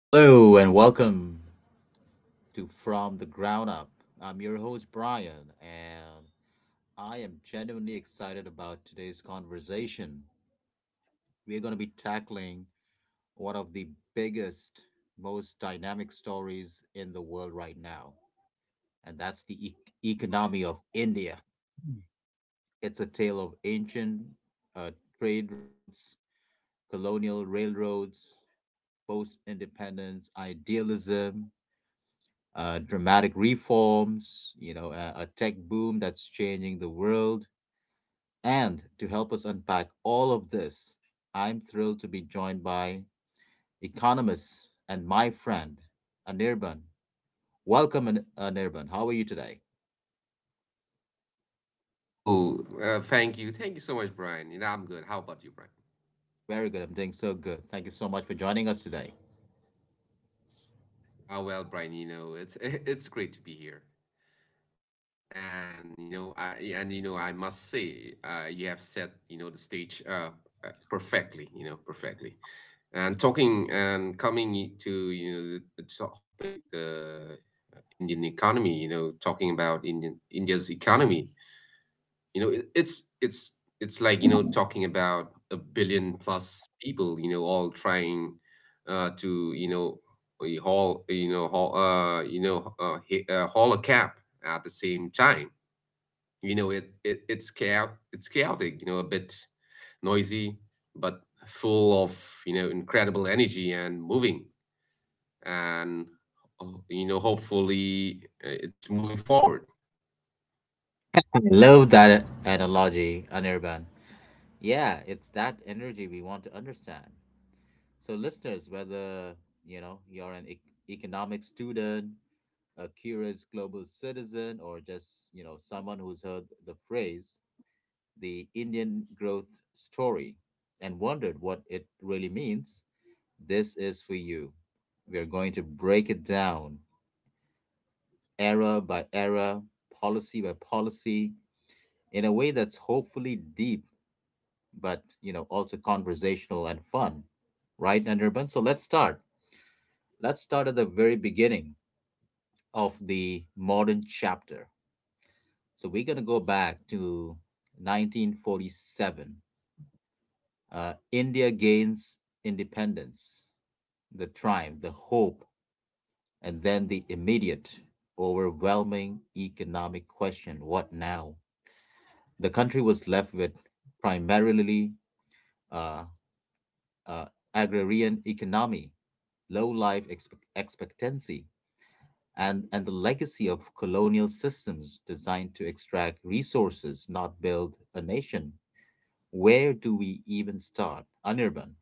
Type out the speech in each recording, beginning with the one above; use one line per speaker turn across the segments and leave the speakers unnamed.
Hello and welcome to From the Ground Up. I'm your host, Brian, and I am genuinely excited about today's conversation. We're going to be tackling one of the biggest, most dynamic stories in the world right now, and that's the economy of India. It's a tale of ancient uh, trade routes, colonial railroads, post independence idealism, dramatic reforms, you know, a tech boom that's changing the world. And to help us unpack all of this, I'm thrilled to be joined by economist and my friend, Anirban. Welcome, Anirban. How are you today?
Thank you. Thank you so much, Brian. You know, I'm good. How about
Very
you,
good. I'm
Brian?
doing so good. Thank you so much for joining us today.
Oh, well, Brian, you know, it's it's great to be here. And you know, I must say, you have set, you know, the stage perfectly, you know, perfectly. And talking and coming to, you know, the topic, the Indian economy, you know, talking about Indian India's economy, you know, it's it's like, you know, talking about a billion plus people, you know, all trying to, you know, we haul, you know he- haul a cap at the same time. You know, it's chaos, it's chaotic, you know, a bit noisy, but full of, you know, incredible energy and moving, and you know, hopefully it's moving forward.
I love that analogy, Anirban. Yeah, it's that energy we want to understand. So, listeners, whether you know you're an economic student, a curious global citizen, or just you know someone who's heard the phrase "the Indian growth story" and wondered what it really means, this is for you. We are going to break it down, era by era, policy by policy, in a way that's hopefully deep, but you know also conversational and fun, right, Anirban? So let's start at the very beginning of the modern chapter. So we're going to go back to 1947. India gains independence, the triumph, the hope, and then the immediate, overwhelming economic question: what now? The country was left with primarily uh, uh, agrarian economy, low expectancy, and, the legacy of colonial systems designed to extract resources, not build a nation. Where do we even start, Anirban?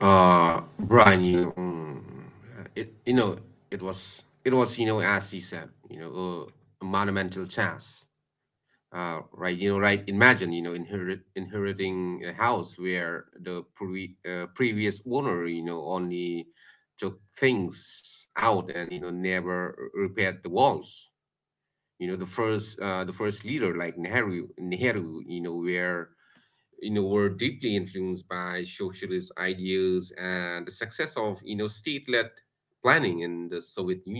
Brian, you know, it, you know, it was, you know, as you said, you know, uh, a monumental chance. Right, you know, right. Imagine, you know, inheriting a house where the previous owner, you know, only took things out and, you know, never repaired the walls. You know, the first leader, like Nehru, you know, were deeply influenced by socialist ideas and the success of, you know, state-led planning in the Soviet Union.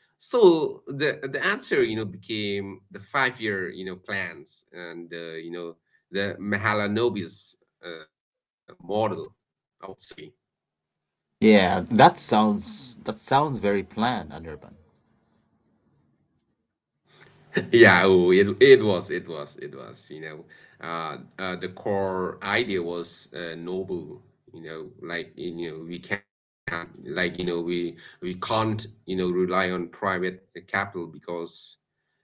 So the answer, you know, became the five-year, you know, plans and, you know, the Mahalanobis model, I would say.
Yeah, that sounds very planned, Anirban.
Yeah, oh, it was. You know, the core idea was noble. You know, like, you know, we can't, you know, rely on private capital because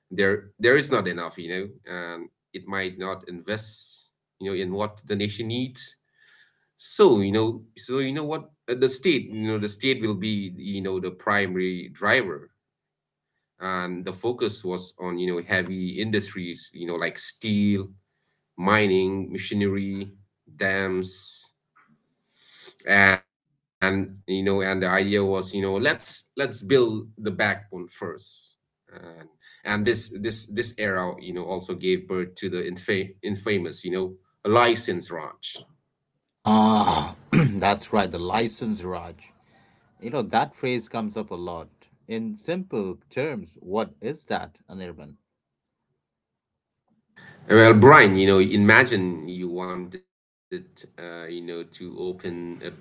there is not enough. You know, and it might not invest, you know, in what the nation needs. So you know what, the state, you know, the state will be, you know, the primary driver, and the focus was on, you know, heavy industries, you know, like steel, mining, machinery, dams. And, you know, and the idea was, you know, let's build the backbone first. and and this era, you know, also gave birth to the infamous, you know, license ranch.
Ah, that's right, the license, Raj. You know that phrase comes up a lot. In simple terms, what is that, Anirban?
Well, Brian, you know, imagine you wanted, you know, to open a bakery.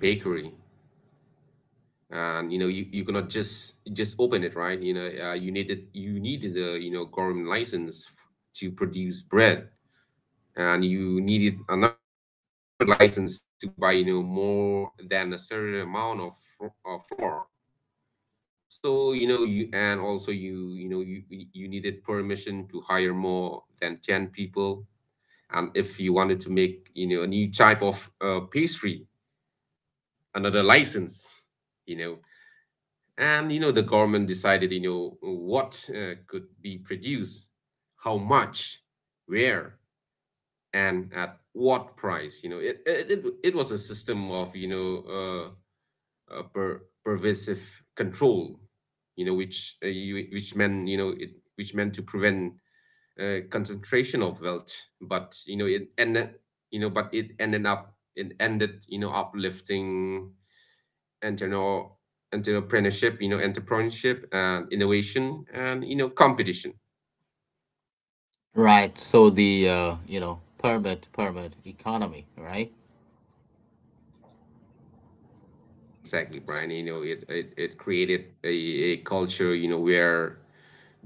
And, you know, you cannot just open it, right? You know, you needed a, you know, government license to produce bread, and you needed another license to buy, you know, more than a certain amount of, flour. So, you know, you and also you know you you you needed permission to hire more than 10 people. And if you wanted to make, you know, a new type of pastry, another license, you know. And, you know, the government decided, you know, what, could be produced, how much, where, and at what price. You know, it was a system of, you know, pervasive control, you know, which, which meant, you know, it which meant to prevent concentration of wealth, but you know, it ended up, it ended you know, uplifting entrepreneur entrepreneurship, you know, entrepreneurship and innovation, and, you know, competition.
Right. So the you know permit economy, right?
Exactly, exactly, Brian, you know, it created a culture, you know, where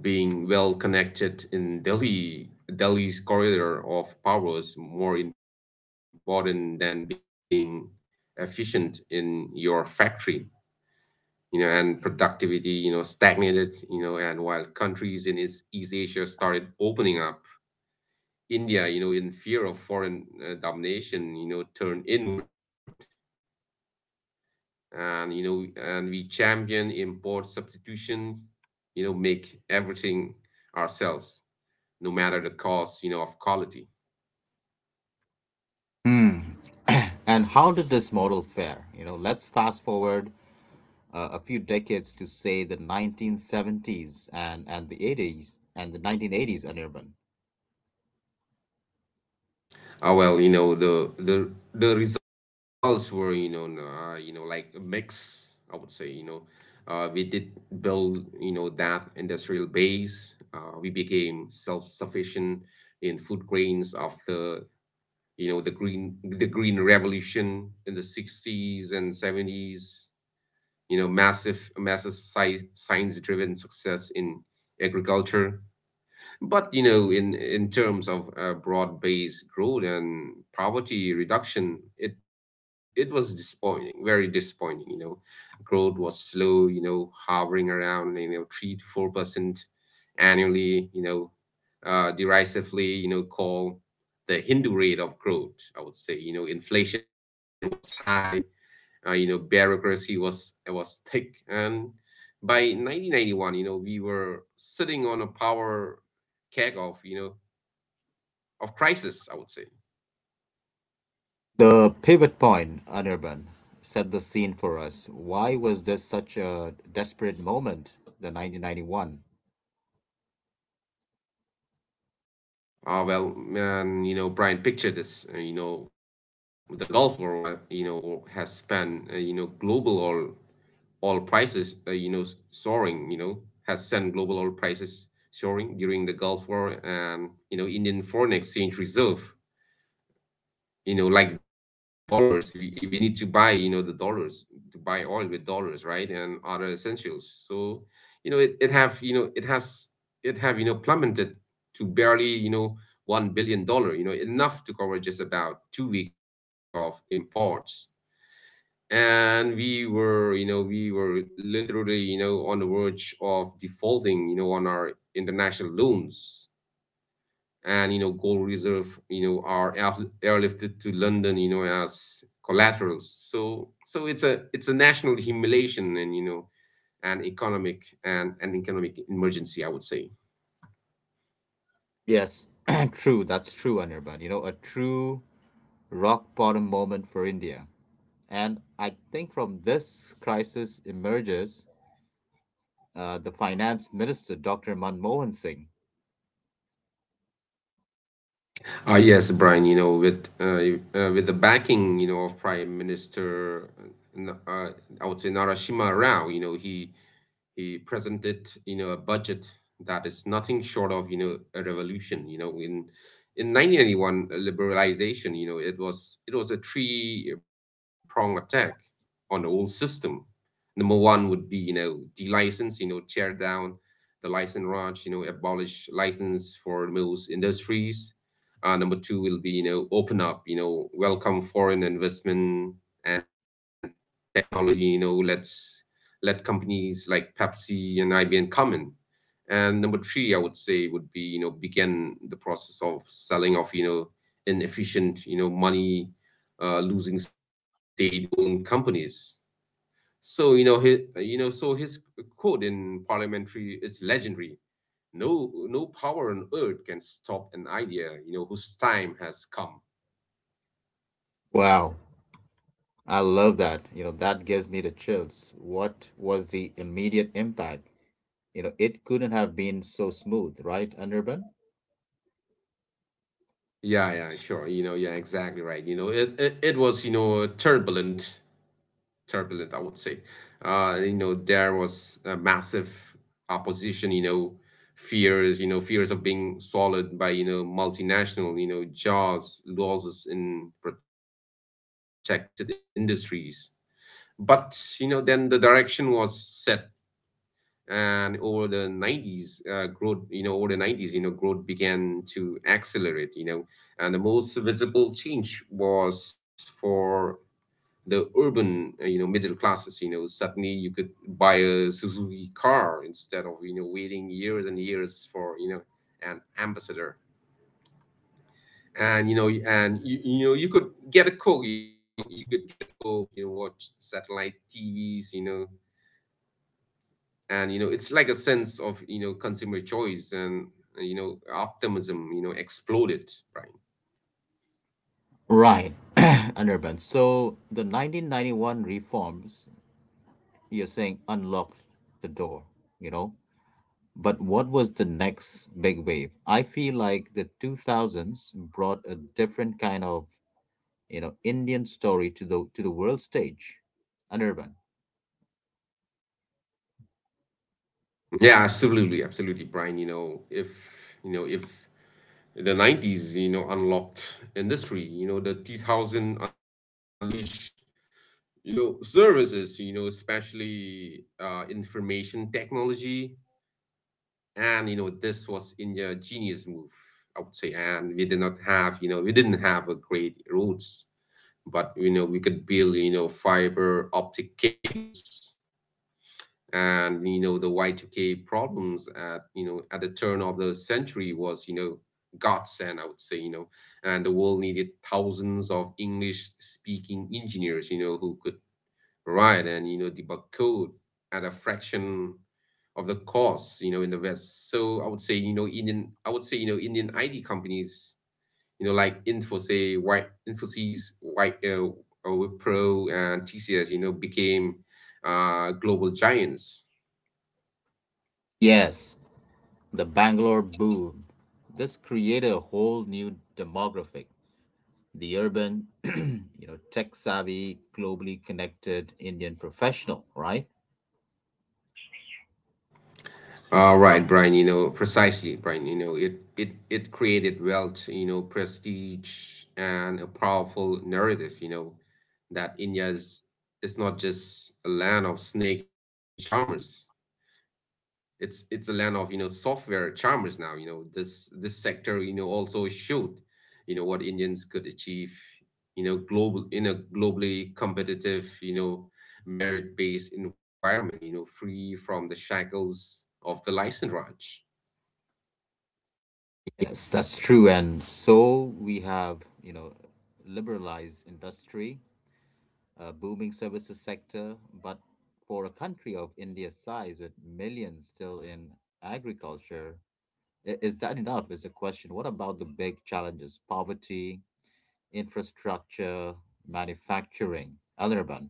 being well connected in Delhi, Delhi's corridor of power, is more important than being efficient in your factory. You know, and productivity, you know, stagnated. You know, and while countries in east Asia started opening up, India, you know, in fear of foreign domination, you know, turned inward. And, you know, and we champion import substitution, you know, make everything ourselves, no matter the cost, you know, of quality.
Hmm. And how did this model fare? You know, let's fast forward a few decades to say the 1970s and, the 80s and the 1980s, Anirban.
Ah, well, you know, the results were, you know, you know, like a mix, I would say. You know, we did build, you know, that industrial base. We became self-sufficient in food grains after, you know, the green revolution in the 60s and 70s. You know, massive, massive science driven success in agriculture. But you know, in terms of, broad based growth and poverty reduction, it was disappointing, very disappointing. You know, growth was slow, you know, hovering around, you know, 3 to 4% annually, you know. Uh, derisively, you know, call the Hindu rate of growth, I would say. You know, inflation was high, you know, bureaucracy was thick, and by 1991, you know, we were sitting on a power keg of, you know, of crisis, I would say.
The pivot point, Anirban, set the scene for us. Why was this such a desperate moment, the 1991?
Ah, well, man, you know, Brian, picture this. You know, the Gulf War, wa- you know, has spanned, you know, global oil, oil prices, you know, s- soaring, you know, has sent global oil prices soaring during the Gulf War. And, you know, Indian foreign exchange reserve, you know, like dollars, we need to buy, you know, the dollars to buy oil with dollars, right, and other essentials. So, you know, it have you know it has it have you know, plummeted to barely, you know, $1 billion, you know, enough to cover just about 2 weeks of imports. And we were literally, you know, on the verge of defaulting, you know, on our international loans. And, you know, gold reserve, you know, are airlifted to London, you know, as collaterals. So it's a, national humiliation and, you know, an economic emergency, I would say.
Yes, true, that's true, Anirban. You know, a true rock bottom moment for India. And I think from this crisis emerges the finance minister, Dr. Manmohan Singh.
Yes, Brian, you know, with the backing, you know, of Prime Minister, N- uh, I would say, Narashima Rao, you know, he presented, you know, a budget that is nothing short of, you know, a revolution. You know, in 1991 liberalization, you know, it was a three prong attack on the whole system. Number one would be, you know, de-license, you know, tear down the license raj, you know, abolish license for most industries. Uh, number two will be, you know, open up, you know, welcome foreign investment and technology. You know, let's let companies like Pepsi and IBM come in. And number three, I would say, would be, you know, begin the process of selling off, you know, inefficient, you know, money, losing state owned companies. So, you know, his, you know, so his quote in parliamentary is legendary: no, no power on earth can stop an idea, you know, whose time has come.
Wow, I love that. You know, that gives me the chills. What was the immediate impact? You know, it couldn't have been so smooth, right, Anirban?
Yeah, yeah, sure. You know, yeah, exactly, right. You know, it was, you know, turbulent, turbulent, I would say. You know, there was a massive opposition, you know, fears of being swallowed by, you know, multinational, you know, jobs, losses in protected industries. But, you know, then the direction was set, and over the 90s, growth you know over the 90s, you know, growth began to accelerate, you know. And the most visible change was for the urban, you know, middle classes. You know, suddenly you could buy a Suzuki car instead of, you know, waiting years and years for, you know, an ambassador. And you know, and you know, you could get a Coke, you know, watch satellite tvs, you know. And you know, it's like a sense of, you know, consumer choice and, you know, optimism, you know, exploded, Brian.
Right, Anirban. So the 1991 reforms, you're saying, unlocked the door, you know? But what was the next big wave? I feel like the 2000s brought a different kind of, you know, Indian story to the world stage, Anirban.
Yeah, absolutely, absolutely, Brian. You know, if the 90s, you know, unlocked industry, you know, the 2000 unleash, you know, services, you know, especially, information technology. And you know, this was India genius move, I would say. And we did not have, you know, we didn't have a great roads, but you know, we could build, you know, fiber optic cables. And you know, the Y2K problems at, you know, at the turn of the century was, you know, godsend, I would say. You know, and the world needed thousands of english speaking engineers, you know, who could write and, you know, debug code at a fraction of the cost, you know, in the west. So I would say, you know, indian id companies, you know, like Infosys, White Wipro, and TCS, you know, became, global giants.
Yes, the Bangalore boom. This created a whole new demographic, the urban, you know, tech savvy, globally connected Indian professional, right?
Right, Brian, you know, precisely, Brian, you know, it created wealth, you know, prestige and a powerful narrative, you know, that India is not just a land of snake charmers, it's a land of, you know, software charmers now. You know, this sector, you know, also showed, you know, what Indians could achieve, you know, global in a globally competitive, you know, merit based environment, you know, free from the shackles of the License Raj.
Yes, that's true. And so we have, you know, liberalized industry, a booming services sector, but for a country of India's size with millions still in agriculture, is that enough? Is the question. What about the big challenges? Poverty, infrastructure, manufacturing, Anirban.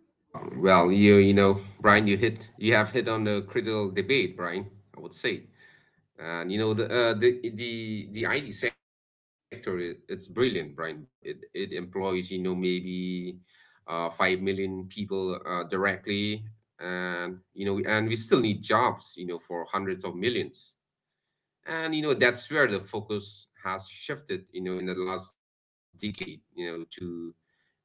Well, you know, Brian, you have hit on the critical debate, Brian, I would say. And you know the IT sector, it's brilliant, Brian, but it employs, you know, maybe 5 million people directly, and you know, and we still need jobs, you know, for hundreds of millions, and you know, that's where the focus has shifted, you know, in the last decade, you know, to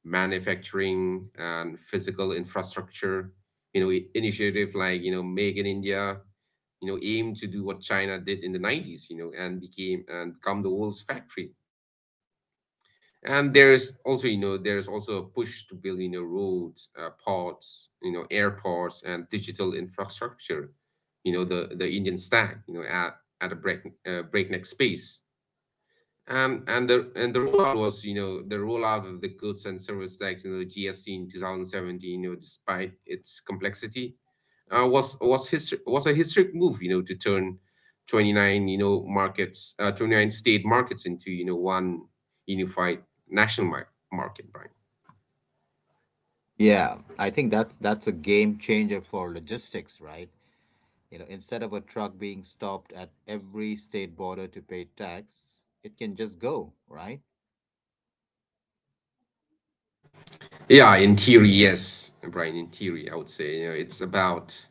manufacturing and physical infrastructure. You know, initiative like, you know, Make in India, you know, aimed to do what China did in the 90s, you know, and become the world's factory. And there's also, you know, there's also a push to build, you know, roads, ports, you know, airports and digital infrastructure, you know, the Indian stack, you know, at a breakneck space. And the rollout was, you know, the rollout of the goods and service tax, you know, GST in 2017, you know, despite its complexity, was a historic move, you know, to turn 29, you know, markets, 29 state markets into, you know, one unified national market, Brian.
Yeah, I think that's a game changer for logistics, right? You know, instead of a truck being stopped at every state border to pay tax, it can just go, right?
Yeah, in theory, yes, Brian. In theory, I would say, you know, it's about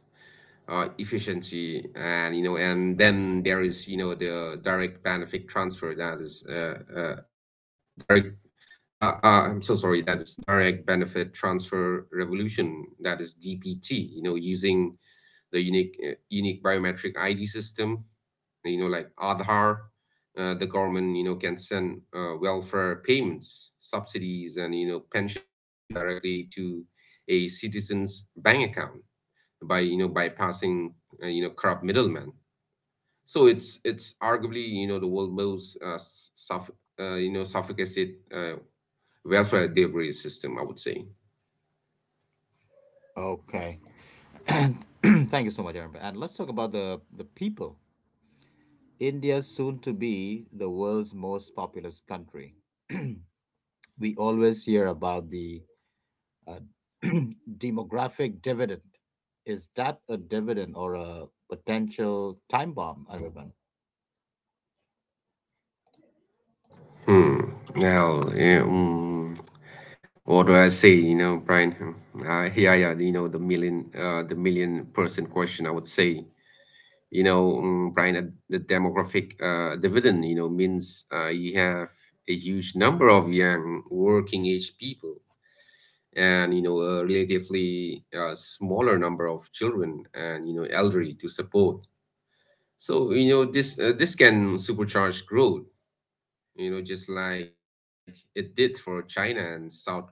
efficiency. And you know, and then there is, you know, the direct benefit transfer, that is direct. I'm so sorry. That is direct benefit transfer revolution. That is DBT. You know, using the unique biometric ID system. You know, like Aadhaar, the government, you know, can send welfare payments, subsidies, and you know, pension directly to a citizen's bank account, by you know, bypassing corrupt middlemen. So it's arguably, you know, the world's most sophisticated welfare delivery system, I would say.
Okay. Thank you so much, Anirban. And let's talk about the people. India's soon to be the world's most populous country. We always hear about the uh, demographic dividend. Is that a dividend or a potential time bomb, Aravind?
Hmm. Well, yeah, what do I say? You know, Brian. Hmm. Yeah, yeah. You know, the million person question, I would say. You know, Brian, the demographic dividend. You know, means you have a huge number of young working age people, and you know, a relatively smaller number of children and you know, elderly to support. So you know, this can supercharge growth, you know, just like it did for China and South Korea.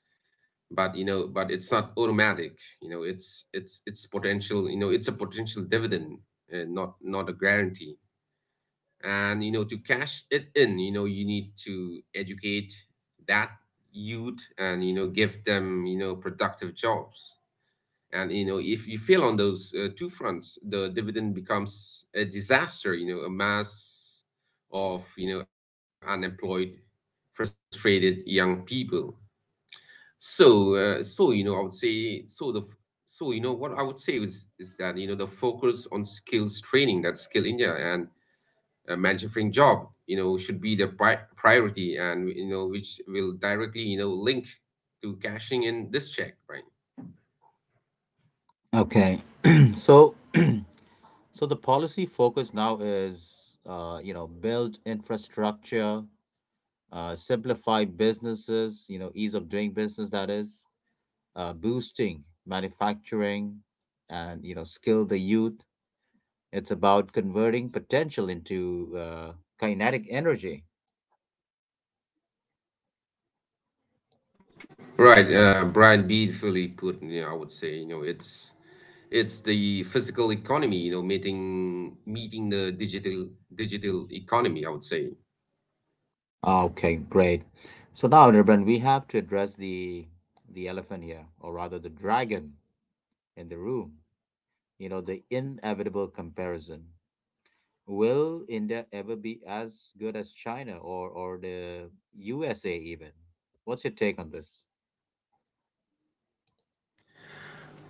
But you know, but it's not automatic. You know, it's potential you know, it's a potential dividend and not a guarantee. And you know, to cash it in, you know, you need to educate that youth, and you know, give them, you know, productive jobs. And you know, if you fail on those two fronts, the dividend becomes a disaster, you know, a mass of, you know, unemployed, frustrated young people. So you know, I would say, so you know, what I would say is that, you know, the focus on skills training, that's Skill India, and manufacturing job you know, should be the priority, and you know, which will directly, you know, link to cashing in this check, right?
Okay, so so the policy focus now is you know build infrastructure, simplify businesses, you know, ease of doing business. That is boosting manufacturing, and you know skill the youth. It's about converting potential into kinetic energy.
Right, Brian, beautifully put. You know, I would say, you know, it's the physical economy, you know, meeting the digital economy, I would say.
Okay, great. So now, Nirvan, we have to address the elephant here, or rather the dragon in the room. You know, the inevitable comparison. Will India ever be as good as China or the USA even? What's your take on this?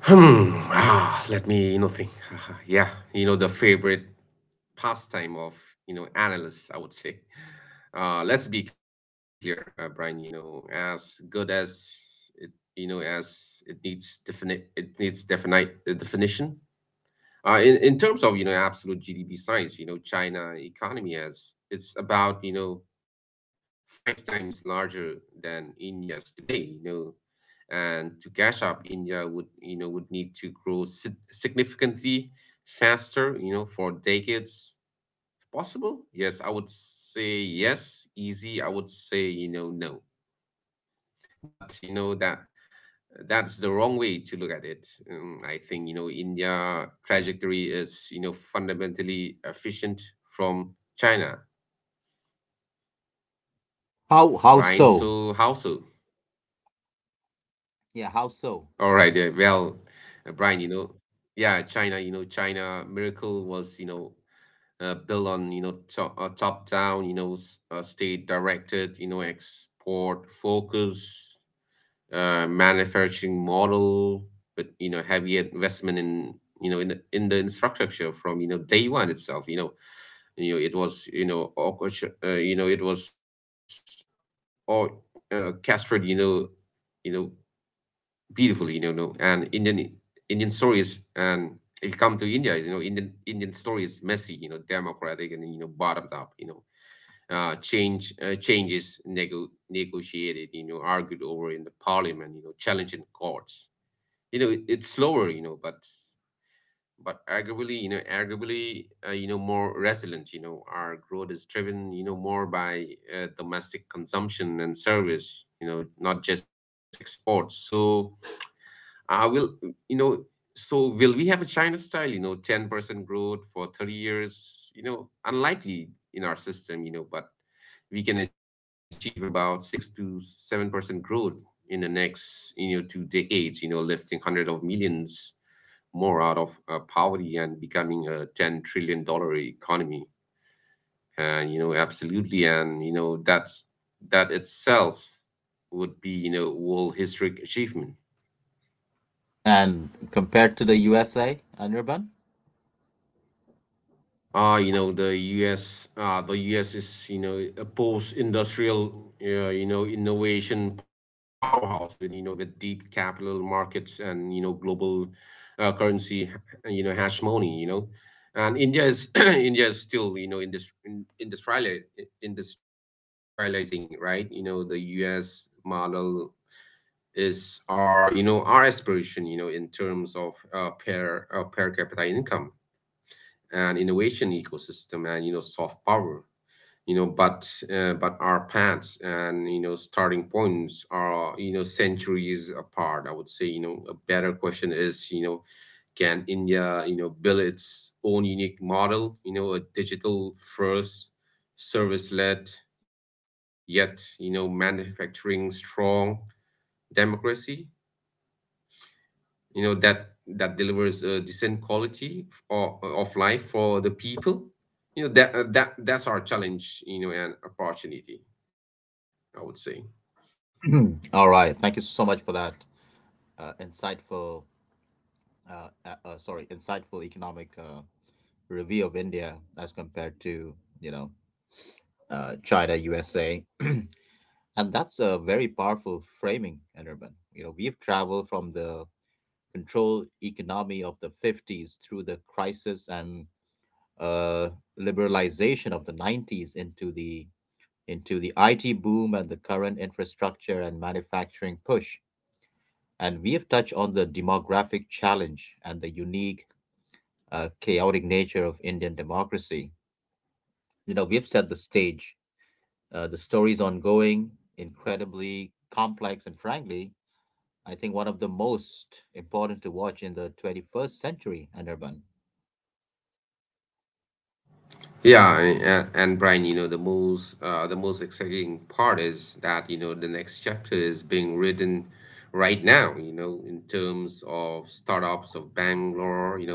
Hmm. Ah, let me, you know, think. Yeah, you know, the favorite pastime of, you know, analysts, I would say. Let's be clear, Brian, you know, as good as it, you know, as it needs definite definition. In terms of, you know, absolute GDP size, you know, China economy, has it's about, you know, five times larger than India's today, you know. And to catch up, India would, you know, would need to grow significantly faster, you know, for decades. Possible? Yes, I would say yes. Easy, I would say, you know, no. But you know that that's the wrong way to look at it. I think, you know, India trajectory is, you know, fundamentally efficient from China.
How
Brian,
so?
so how so?
Yeah, how so?
All right, well, Brian, you know, yeah, China, you know, China miracle was, you know, built on, you know, top down, you know, state directed, you know, export focus, manufacturing model, with you know, heavy investment in, you know, in the infrastructure, from you know, day one itself. You know, you know, it was, you know, you know, it was or castrated, you know, you know, beautifully, you know. No, and Indian stories, and if you come to India, you know, Indian story is messy, you know, democratic, and you know, bottomed up. You know, changes negotiated, you know, argued over in the parliament, you know, challenged in courts, you know, it, it's slower, you know, but arguably, you know, arguably, you know, more resilient. You know, our growth is driven, you know, more by domestic consumption and service, you know, not just exports. So I will, you know, so will we have a China style, you know, 10% growth for 30 years? You know, unlikely in our system. You know, but we can achieve about 6 to 7% growth in the next, you know, two decades, you know, lifting hundreds of millions more out of poverty, and becoming a 10 trillion dollar economy. And you know, absolutely, and you know, that's that itself would be, you know, world historic achievement.
And compared to the USA, Nirvan?
You know, the US is, you know, a post-industrial, you know, innovation powerhouse with, you know, with deep capital markets and, you know, global currency, you know, hash money, you know. And India is India is still, you know, industri in, industriali industrializing, right? You know, the US model is our, you know, our aspiration, you know, in terms of per capita income, and innovation ecosystem, and you know, soft power, you know. But but our paths, and you know, starting points are, you know, centuries apart, I would say. You know, a better question is, you know, can India, you know, build its own unique model, you know, a digital first, service led, yet you know, manufacturing strong democracy, you know, that that delivers a decent quality of life for the people. You know that, that's our challenge, you know, and opportunity, I would say.
All right. Thank you so much for that insightful, insightful economic review of India as compared to you know China, USA, and that's a very powerful framing, Enerman. You know, we've traveled from the controlled economy of the 50s through the crisis and uh, liberalization of the 90s into the IT boom and the current infrastructure and manufacturing push. And we have touched on the demographic challenge and the unique, chaotic nature of Indian democracy. You know, we have set the stage. The story is ongoing, incredibly complex, and frankly, I think one of the most important to watch in the 21st century, Anirban.
Yeah, and Brian, you know, the most, the most exciting part is that, you know, the next chapter is being written right now, you know, in terms of startups of Bangalore, you know,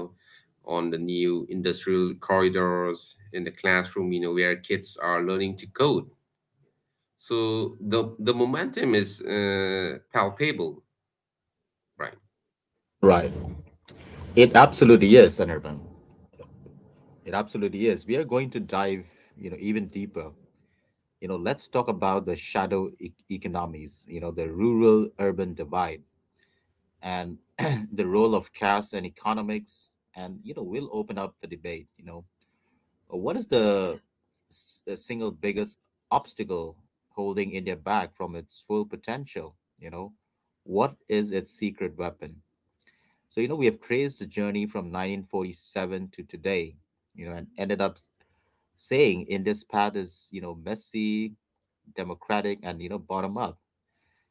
on the new industrial corridors, in the classroom, you know, where kids are learning to code. So the momentum is palpable, Brian.
Right. It absolutely is, Anirban. It absolutely is. We are going to dive, you know, even deeper. You know, let's talk about the shadow economies, you know, the rural-urban divide and the role of caste and economics. And, you know, we'll open up the debate, you know. What is the single biggest obstacle holding India back from its full potential? You know, what is its secret weapon? So, you know, we have traced the journey from 1947 to today, you know, and ended up saying India's path is, you know, messy, democratic, and, you know, bottom up.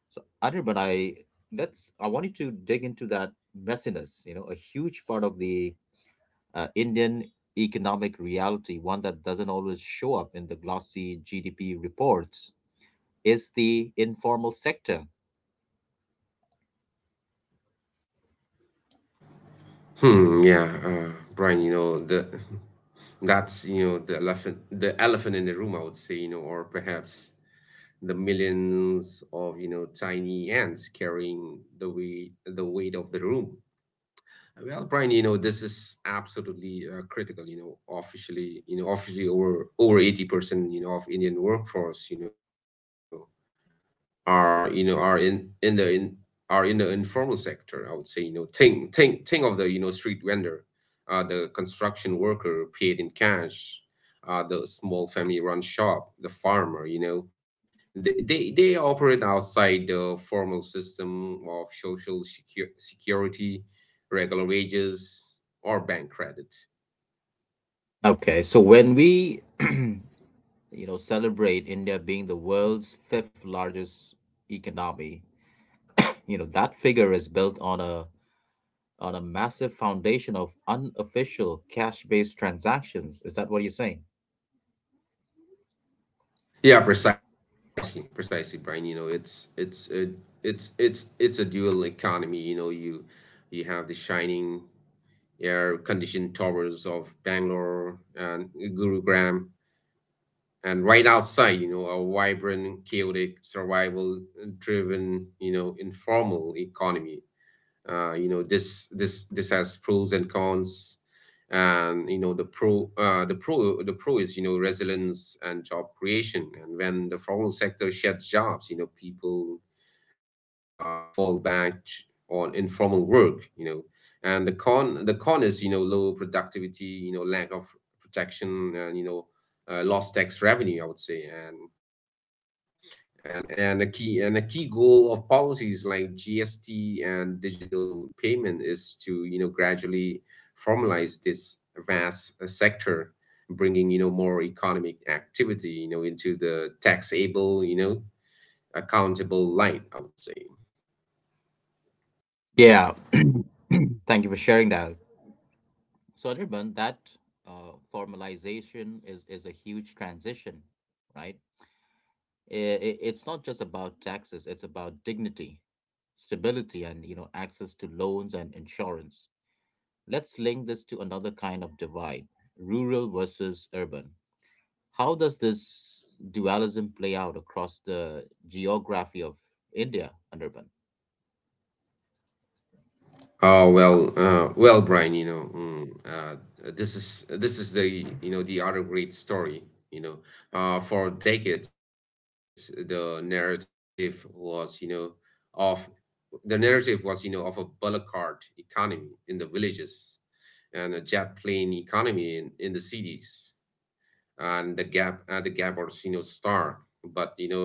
So, Anirban, I let's I want you to dig into that messiness. You know, a huge part of the Indian economic reality, one that doesn't always show up in the glossy GDP reports, is the informal sector.
Hmm. Yeah, Brian. You know the that's, you know, the elephant in the room, I would say. You know, or perhaps the millions of, you know, tiny ants carrying the weight of the room. Well, Brian, you know, this is absolutely critical. You know, officially over 80%, you know, of Indian workforce, you know, are you know are in in the in are in the informal sector, I would say. You know, think of the, you know, street vendor, the construction worker paid in cash, the small family run shop, the farmer, you know, they operate outside the formal system of social security, regular wages, or bank credit.
Okay, so when we you know celebrate India being the world's fifth largest economy, you know that figure is built on a massive foundation of unofficial cash-based transactions. Is that what you're saying?
Yeah, precisely, precisely, Brian. You know, it's a dual economy. You know, you have the shining air-conditioned towers of Bangalore and Gurugram, and right outside, you know, a vibrant, chaotic, survival-driven, you know, informal economy. You know, this has pros and cons. And you know, the pro is, you know, resilience and job creation, and when the formal sector sheds jobs, you know, people fall back on informal work, you know. And the con is, you know, low productivity, you know, lack of protection, and you know, lost tax revenue, I would say. And a key goal of policies like GST and digital payment is to, you know, gradually formalize this vast sector, bringing, you know, more economic activity, you know, into the taxable, you know, accountable light, I would say.
Yeah. Thank you for sharing that. So, Anirban, that formalization is, a huge transition, right? It's not just about taxes, it's about dignity, stability, and you know access to loans and insurance. Let's link this to another kind of divide, rural versus urban. How does this dualism play out across the geography of India, Anirban?
Oh well, well, Brian, you know, this is the, you know, the other great story. You know, for decades of the narrative was, you know, of a bullock cart economy in the villages and a jet plane economy in the cities. And the gap was, you know, stark. But, you know,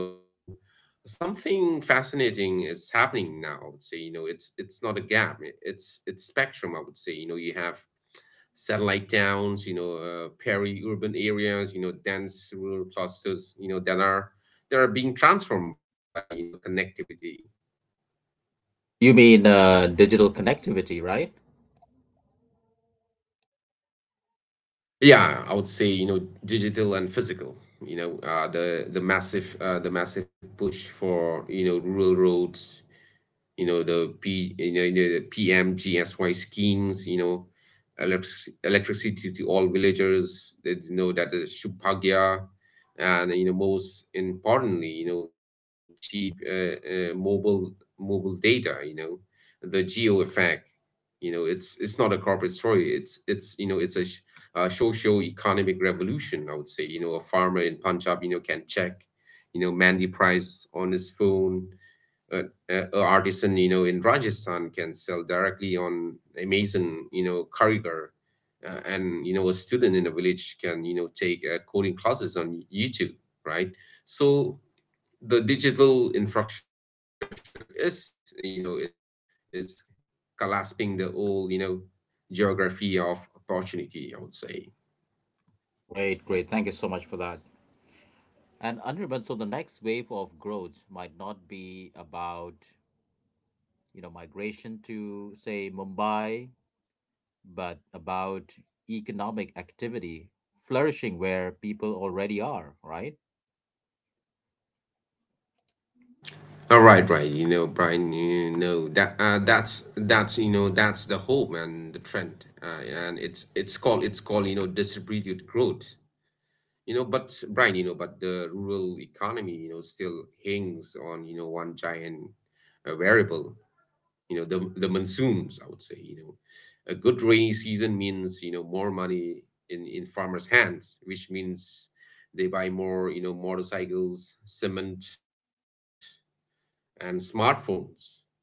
something fascinating is happening now. I would say, you know, it's not a gap. It's spectrum. I would say, you know, you have satellite towns, you know, peri-urban areas, you know, dense rural clusters, you know, that are being transformed by, you know, connectivity.
You mean digital connectivity, right?
Yeah, I would say, you know, digital and physical. You know, the massive push for, you know, rural roads, you know, the PMGSY schemes, you know, electricity to all villagers. That, you know, that is Shubhagya, and, you know, most importantly, you know, cheap, mobile data. You know, the geo effect. You know, it's not a corporate story. It's you know it's a socio-economic revolution. I would say, you know, a farmer in Punjab, you know, can check, you know, Mandy price on his phone. uh, a artisan, you know, in Rajasthan can sell directly on Amazon, you know, Kaurigar. And, you know, a student in a village can, you know, take coding classes on YouTube, right. So the digital infrastructure is, you know, it's collapsing the old, you know, geography of opportunity, I would say.
Great, great. Thank you so much for that. And Anirban, so the next wave of growth might not be about, you know, migration to, say, Mumbai, but about economic activity flourishing where people already are, right?
All right, right. You know, Brian. You know, that's the hope and the trend, and it's called, you know, distributed growth. You know, but Brian, you know, but the rural economy, you know, still hangs on, you know, one giant, variable. You know, the monsoons. I would say, you know, a good rainy season means, you know, more money in farmers' hands, which means they buy more, you know, motorcycles, cement, and smartphones.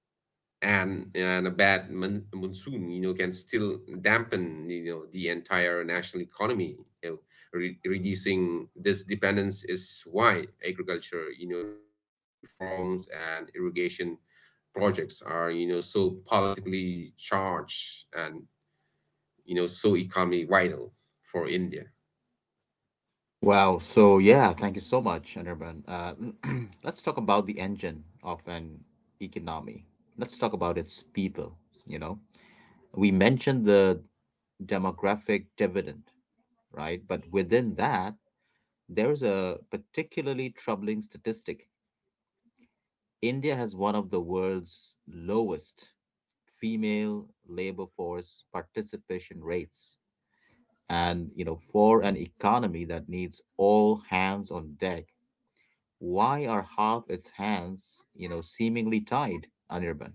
And a bad monsoon, you know, can still dampen, you know, the entire national economy, you know. Reducing this dependence is why agriculture, you know, reforms and irrigation projects are, you know, so politically charged and, you know, so economically vital for India.
Wow. So yeah, thank you so much, Anirban. Let's talk about the engine of an economy. Let's talk about its people. You know, we mentioned the demographic dividend, right? But within that, there's a particularly troubling statistic. India has one of the world's lowest female labor force participation rates. And, you know, for an economy that needs all hands on deck, why are half its hands, you know, seemingly tied, Anirban?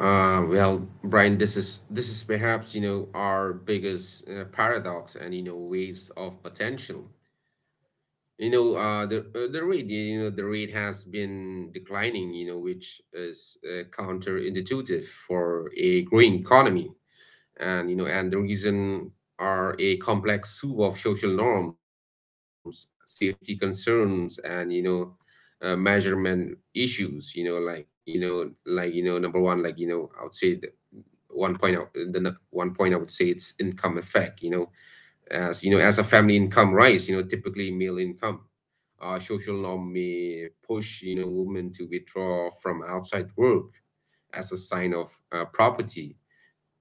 Well, Brian, this is perhaps, you know, our biggest, paradox and, you know, waste of potential. You know, the rate has been declining, you know, which is, counterintuitive for a growing economy. And, you know, and the reason are a complex soup of social norms, safety concerns, and, you know, measurement issues. You know, number one, I would say, the one point, one point, I would say, it's income effect, you know. As a family income rise, you know, typically male income, social norm may push, you know, women to withdraw from outside work as a sign of, property.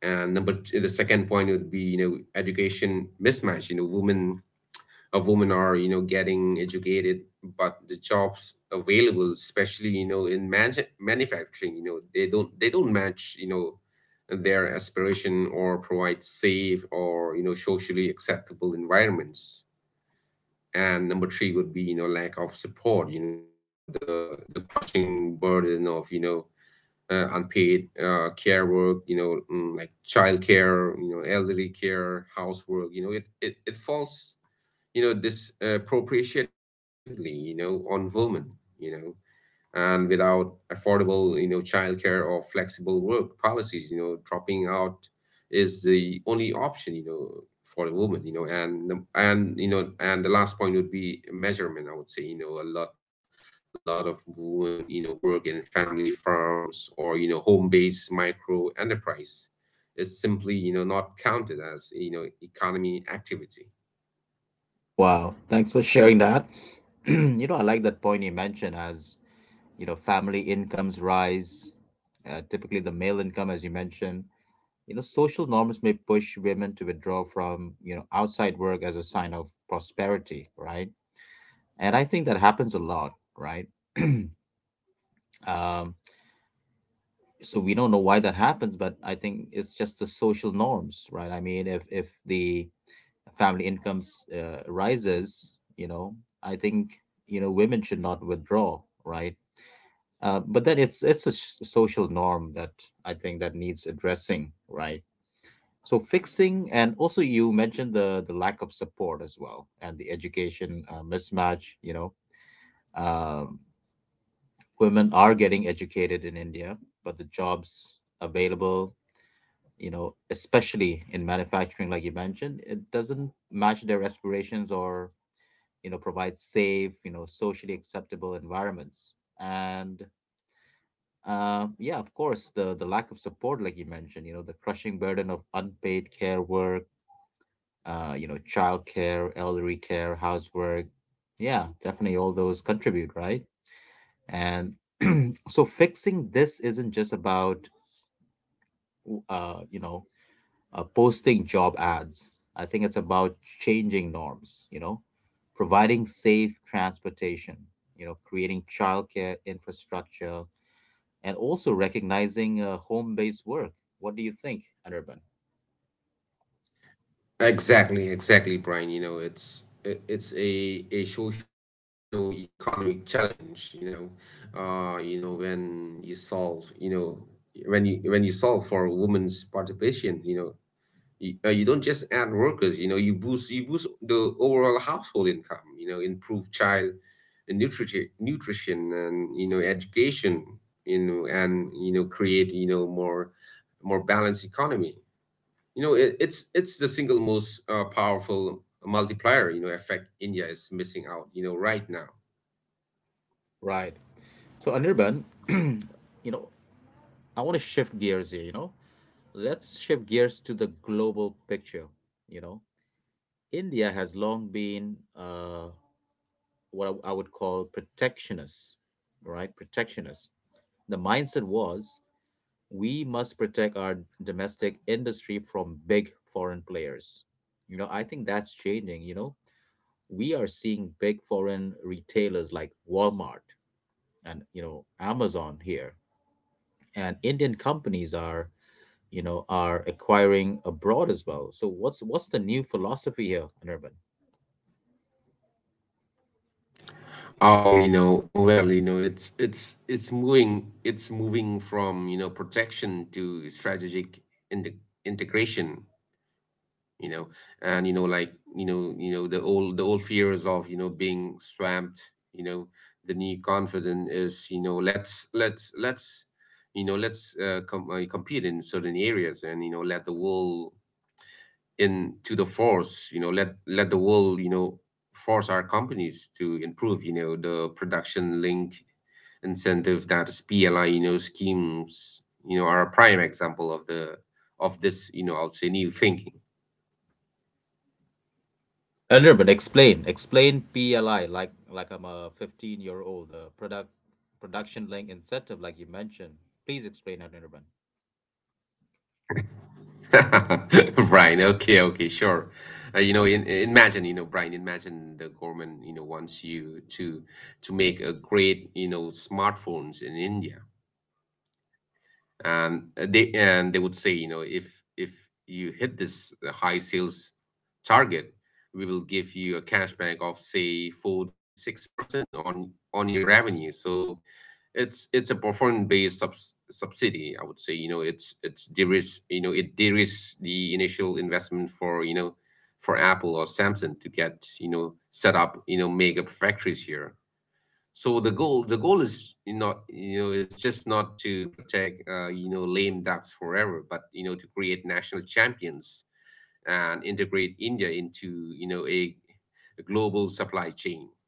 And number two, the second point would be, you know, education mismatch. You know, women are, you know, getting educated, but the jobs available, especially, you know, in manufacturing, you know, they don't match, you know, their aspiration or provide safe or, you know, socially acceptable environments. And number three would be, you know, lack of support. You know, the crushing burden of, you know, unpaid, care work. You know, like child care, you know, elderly care, housework. You know, it falls, you know, disproportionately, you know, on women, you know, and without affordable, you know, childcare or flexible work policies, you know, dropping out is the only option, you know, for a woman, you know. And the last point would be measurement. I would say, you know, a lot of women, you know, work in family farms or, you know, home-based micro enterprise is simply, you know, not counted as, you know, economy activity.
Wow, thanks for sharing that. You know, I like that point you mentioned. As, you know, family incomes rise, typically the male income, as you mentioned, you know, social norms may push women to withdraw from, you know, outside work as a sign of prosperity, right? And I think that happens a lot, right? Um, so we don't know why that happens, but I think it's just the social norms, right? I mean, if the family incomes rises, you know, I think you know women should not withdraw, right? But then it's a social norm that I think that needs addressing, right? So fixing, and also you mentioned the lack of support as well, and the education mismatch. You know, um, women are getting educated in India, but the jobs available, you know, especially in manufacturing, like you mentioned, it doesn't match their aspirations or you know provide safe, you know, socially acceptable environments. And yeah, of course, the lack of support, like you mentioned, you know, the crushing burden of unpaid care work, you know, childcare, elderly care, housework. Yeah, definitely all those contribute, right? And so fixing this isn't just about, you know, posting job ads. I think it's about changing norms, you know, providing safe transportation, you know, creating childcare infrastructure, and also recognizing home based work. What do you think, Anirban?
Exactly, exactly, Brian. You know, it's a social economic challenge. You know, you know, when you solve for women's participation, you know, you don't just add workers. You know, you boost the overall household income. You know, improve child nutrition, and, you know, education. You know, and, you know, create, you know, more balanced economy. You know, it's the single most, powerful multiplier, you know, effect India is missing out, you know, right now.
Right. So, Anirban, you know, I want to shift gears here, you know. Let's shift gears to the global picture, you know. India has long been what I would call protectionists, right? Protectionists. The mindset was we must protect our domestic industry from big foreign players. You know, I think that's changing. You know, we are seeing big foreign retailers like Walmart and, you know, Amazon here. And Indian companies are, you know, are acquiring abroad as well. So what's the new philosophy here, Anirban?
Oh, well, you know, it's moving from, you know, protection to strategic inte- integration, you know. And, you know, the old fears of, you know, being swamped, you know. The new confidence is, you know, let's compete in certain areas, and, you know, let the world into the force, you know, let the world, you know, force our companies to improve, you know, the production link incentive, that is PLI, you know, schemes, you know, are a prime example of the of this, you know, I would say, new thinking.
A little bit. Explain. Explain PLI like I'm a 15-year-old. The production link incentive, like you mentioned. Please explain, Anirban.
Brian, okay, sure. You know, imagine, you know, Brian, imagine the government, you know, wants you to make a great, you know, smartphones in India. And, they would say, you know, if you hit this, high sales target, we will give you a cashback of, say, 4 to 6% on your revenue. So it's a performance based subsidy, I would say. You know, it de-risks the initial investment for, you know, for Apple or Samsung to get, you know, set up, you know, mega factories here. So the goal is, you know, is just not to protect, you know, lame ducks forever, but, you know, to create national champions and integrate India into, you know, a global supply chain.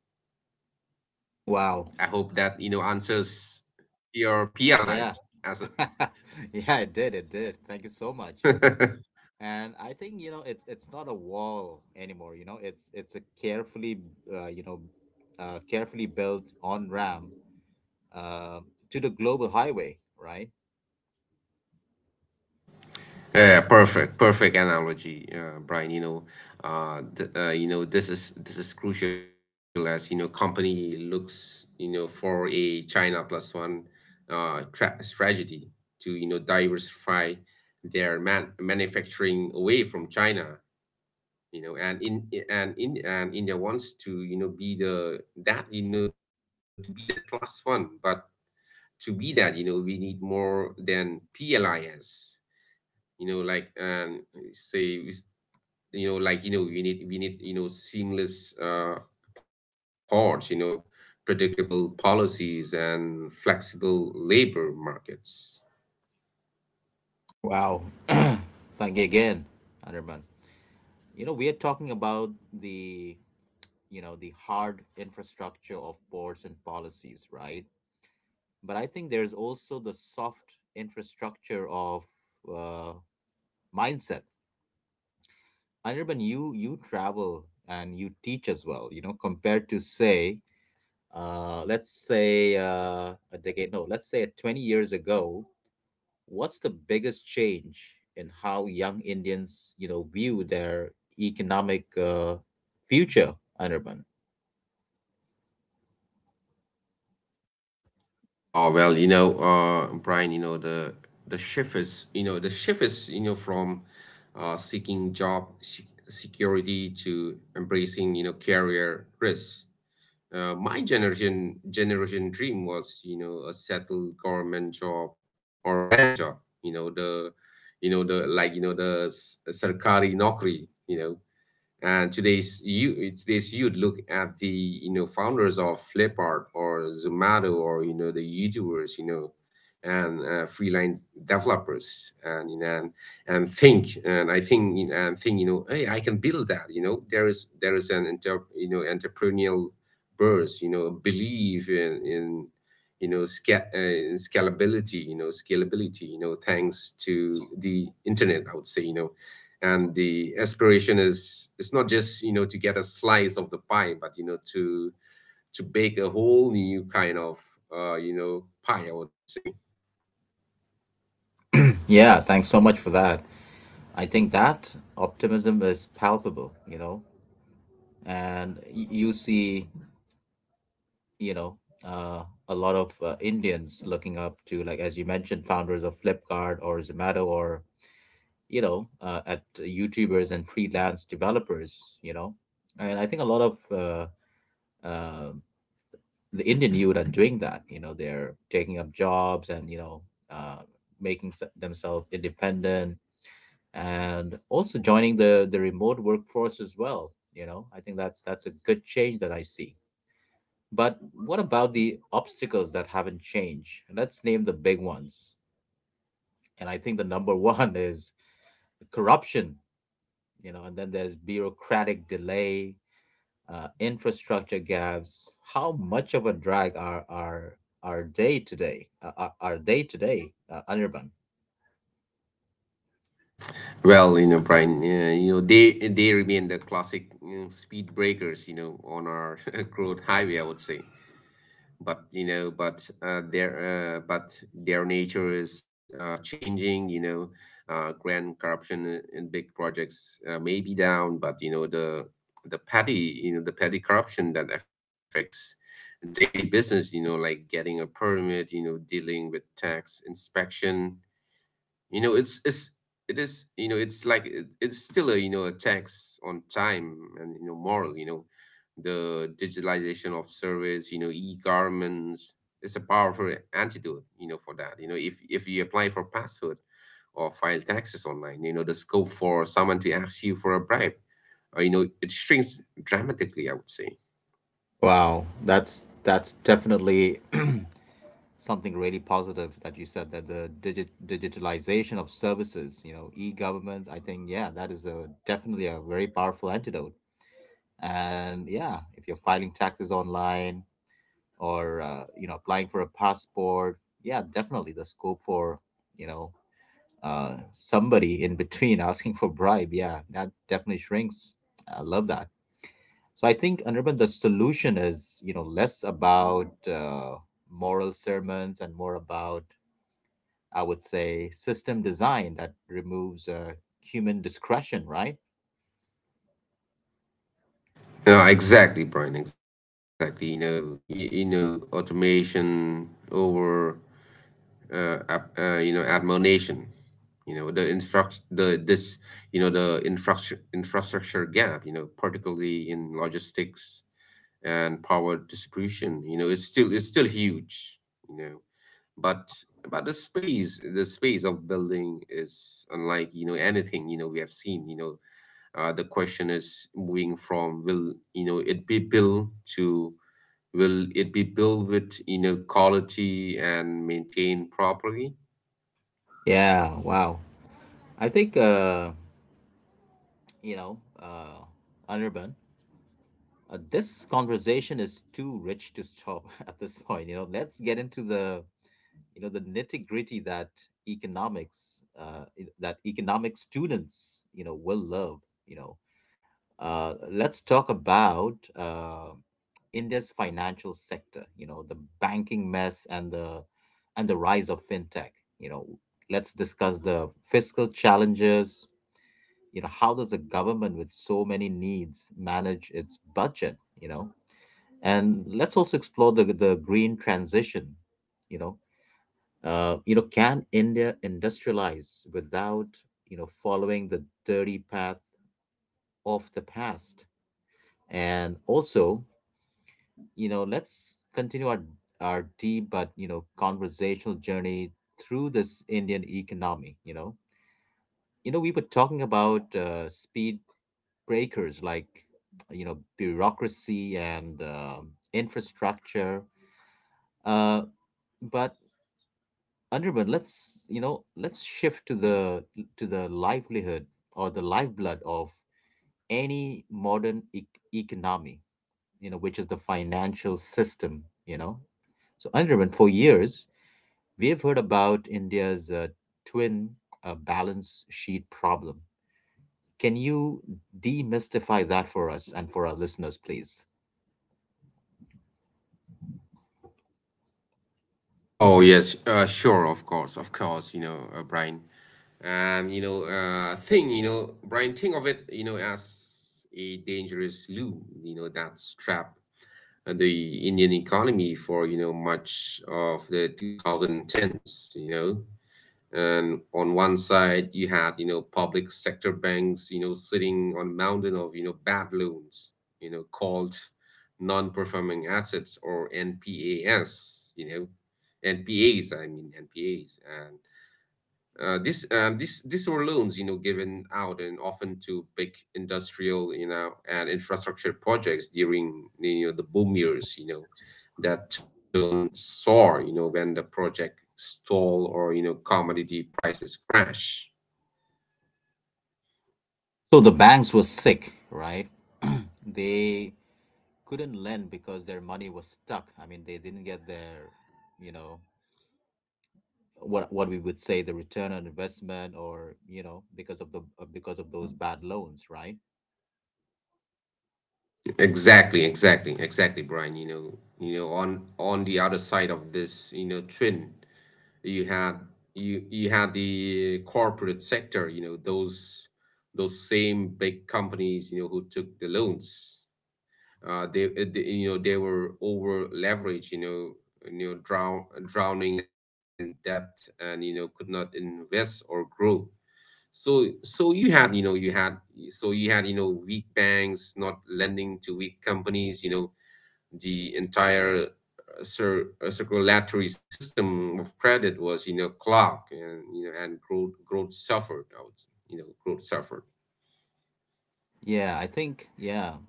Wow.
I hope that, you know, answers your PLI
Yeah.
as
Yeah, it did. It did. Thank you so much.
a
And I think, it's not a wall anymore. It's a uh, you know, carefully built on-ramp uh, to the global highway, right?
Yeah, perfect analogy, Brian. You know, you know, this is crucial, as, you know, company looks, you know, for a China plus one, strategy to, you know, diversify their manufacturing away from China. You know, and India wants to, you know, be that plus one, but to be that, you know, we need more than PLIs. You know, like and say, you know, we need, you know, seamless, ports, you know, predictable policies, and flexible labor markets.
Wow. Thank you again, Anirban. We are talking about the hard infrastructure of boards and policies, right? But I think there's also the soft infrastructure of uh, mindset. Anirban, you travel and you teach as well. Compared to say, let's say a decade, no, let's say 20 years ago, what's the biggest change in how young Indians, view their economic future, Anirban?
Oh, well, you know, Brian, you know, the shift is you know the shift is, you know, from, seeking job security, to embracing, you know, career risks. My generation dream was, you know, a settled government job or bank job. You know the, you know, the sarkari nokri. You know, and today's youth look at the, you know, founders of Flipkart or Zomato or, you know, the YouTubers, you know, and, freelance developers, and, you know, and think and I think, you know, hey, I can build that. You know, there is an you know, entrepreneurial burst, you know, belief in scalability, you know, scalability you know, thanks to the internet, I would say, you know. And the aspiration is, it's not just, you know, to get a slice of the pie, but, you know, to bake a whole new kind of, you know, pie, I would say.
Yeah, thanks so much for that. I think that optimism is palpable, and you see, you know, a lot of Indians looking up to, like, as you mentioned, founders of Flipkart or Zomato or, at YouTubers and freelance developers. And I think a lot of uh, the Indian youth are doing that, they're taking up jobs and, uh, making themselves independent and also joining the remote workforce as well. I think that's a good change that I see. But what about the obstacles that haven't changed? Let's name the big ones. And I think the number one is corruption. And then there's bureaucratic delay, infrastructure gaps. How much of a drag are our day today, Anirban?
Well, you know, Brian, you know, they remain the classic, you know, speed breakers, you know, on our growth highway, I would say. But, you know, but their nature is, changing, you know. Grand corruption in big projects, may be down, but, you know, the petty corruption that affects daily business, you know, like getting a permit, you know, dealing with tax inspection, you know, it's it is you know it's like it, it's still a, you know, a tax on time and, you know, moral, you know. The digitalization of service, you know, e-governments. It's a powerful antidote, you know, for that. You know, if you apply for password or file taxes online, you know, the scope for someone to ask you for a bribe, you know, it shrinks dramatically, I would say.
Wow, that's definitely something really positive that you said, that the digitalization of services, e-government. I think, yeah, that is a definitely a very powerful antidote. And yeah, if you're filing taxes online or applying for a passport, yeah, definitely the scope for you know somebody in between asking for bribe, yeah, that definitely shrinks. I love that. So I think, Anirban, the solution is less about moral sermons and more about, I would say, system design that removes human discretion, right?
Yeah, exactly, Brian. Exactly. You know, you know, automation over, you know, admonition. You know, the infrastructure gap. You know, particularly in logistics and power distribution. It's still huge. But the space of building is unlike anything we have seen. The question is moving from will it be built to will it be built with quality and maintained properly?
Yeah, wow. I think, you know, uh, Anirban, this conversation is too rich to stop at this point. Let's get into the nitty gritty that economics, uh, economic students, you know, will love, you know. Let's talk about India's financial sector. The banking mess and the rise of fintech. You know, let's discuss the fiscal challenges. How does a government with so many needs manage its budget? And let's also explore the green transition. You know, can India industrialize without following the dirty path of the past? And also, let's continue our deep but conversational journey through this Indian economy. We were talking about speed breakers like bureaucracy and infrastructure, uh, but Anirban, let's you know let's shift to the livelihood or the lifeblood of any modern economy. Which is the financial system. So Anirban, for years we have heard about India's twin balance sheet problem. Can you demystify that for us and for our listeners, please?
Oh yes, sure, of course, Brian. Brian, think of it, as a dangerous loop, that's trapped the Indian economy for much of the 2010s, And on one side you had public sector banks sitting on a mountain of bad loans called non-performing assets or npas. Npas and this this these were loans, given out and often to big industrial, and infrastructure projects during the boom years, that turn sour, when the project stall or commodity prices crash.
So the banks were sick, right? They couldn't lend because their money was stuck. I mean, they didn't get their, you know, what we would say, the return on investment, or because of the because of those bad loans, right?
Exactly, exactly, exactly, Brian. On the other side of this, twin. You have you have the corporate sector, those same big companies who took the loans. They You know they were over leveraged. Drowning in debt and could not invest or grow. So you had weak banks not lending to weak companies. The entire circulatory system of credit was clogged, and growth suffered. I would, s- you know Growth suffered.
Yeah, I think, yeah,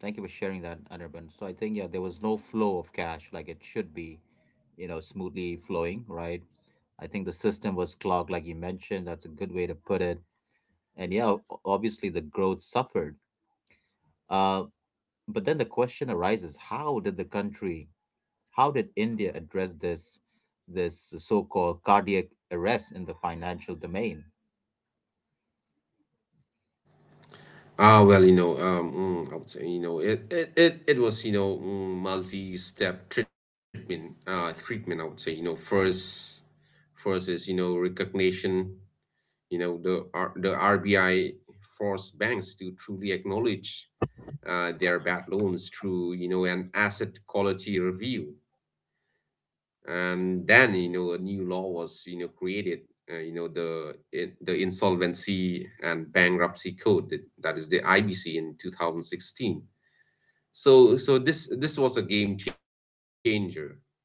thank you for sharing that, Anirban. So I think, yeah, there was no flow of cash like it should be, smoothly flowing, right. I think the system was clogged, like you mentioned. That's a good way to put it. And yeah, obviously the growth suffered. uh but then the question arises: how did India address this so-called cardiac arrest in the financial domain?
I would say it was multi-step treatment. I would say. First, is recognition. The the RBI forced banks to truly acknowledge their bad loans through an asset quality review. And then a new law was created, the the insolvency and bankruptcy code, that, is the IBC, in 2016. So this was a game changer, I would say.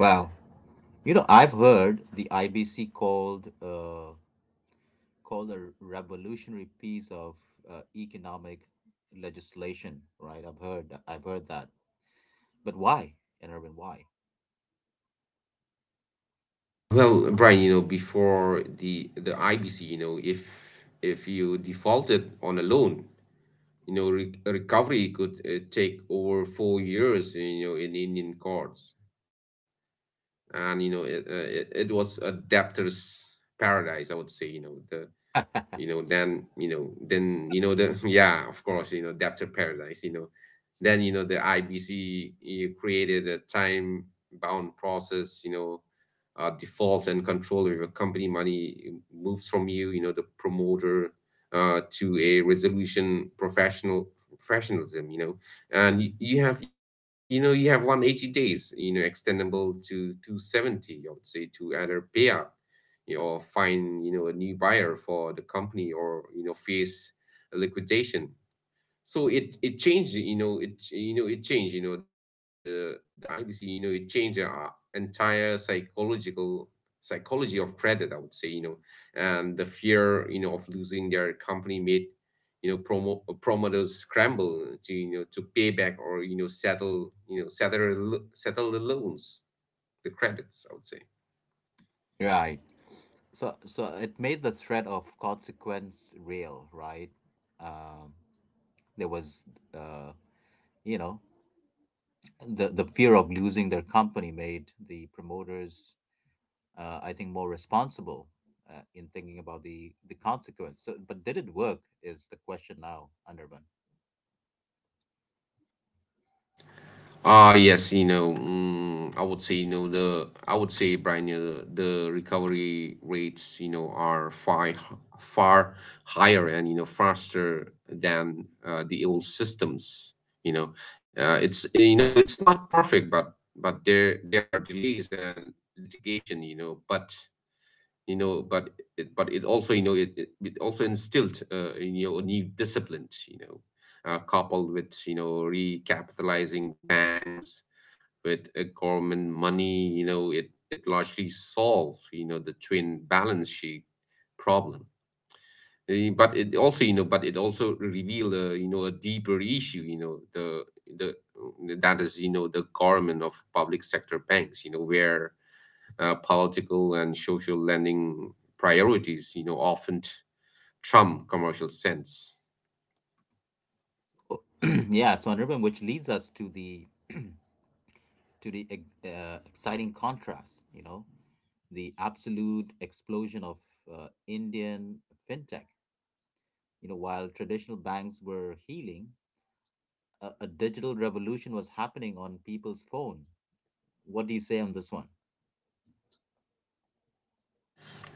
Wow. I've heard the IBC called a revolutionary piece of economic legislation, right? I've heard that. But why, and Irvin, why?
Ah well Brian, before the IBC, if you defaulted on a loan, recovery could take over 4 years in Indian courts. And it, it was a debtor's paradise, I would say. You know the you know then you know then you know The yeah, of course, debtor paradise. The IBC you created a time bound process. Default and control over company money moves from the promoter to a resolution professional. Professionalism you know And you have you have 180 days, extendable to 270, I would say, to either payout or find a new buyer for the company, or face a liquidation. So it changed you know it ch- you know it changed the ibc you know it changed our entire psychological psychology of credit, I would say. And the fear of losing their company made promoters scramble to to pay back or settle the loans, the credits, I would say.
Right. So it made the threat of consequence real, right? Um, there was, uh, you know, the fear of losing their company made the promoters, I think, more responsible. In thinking about the consequence, so but did it work? Is the question now, Anirban?
Ah, yes, I would say, you know, the I would say, Brian, the recovery rates, are far far higher and faster than the old systems. You know, it's it's not perfect, but there are delays and litigation. But it but it also, it also instilled a new discipline. Coupled with recapitalizing banks with government money, it, largely solves the twin balance sheet problem. But it also revealed, a deeper issue, you know, the that is, the government of public sector banks, where political and social lending priorities, often trump commercial sense.
Yeah, so honorable, which leads us to the exciting contrast, the absolute explosion of Indian fintech. While traditional banks were healing, a digital revolution was happening on people's phone. What do you say on this one?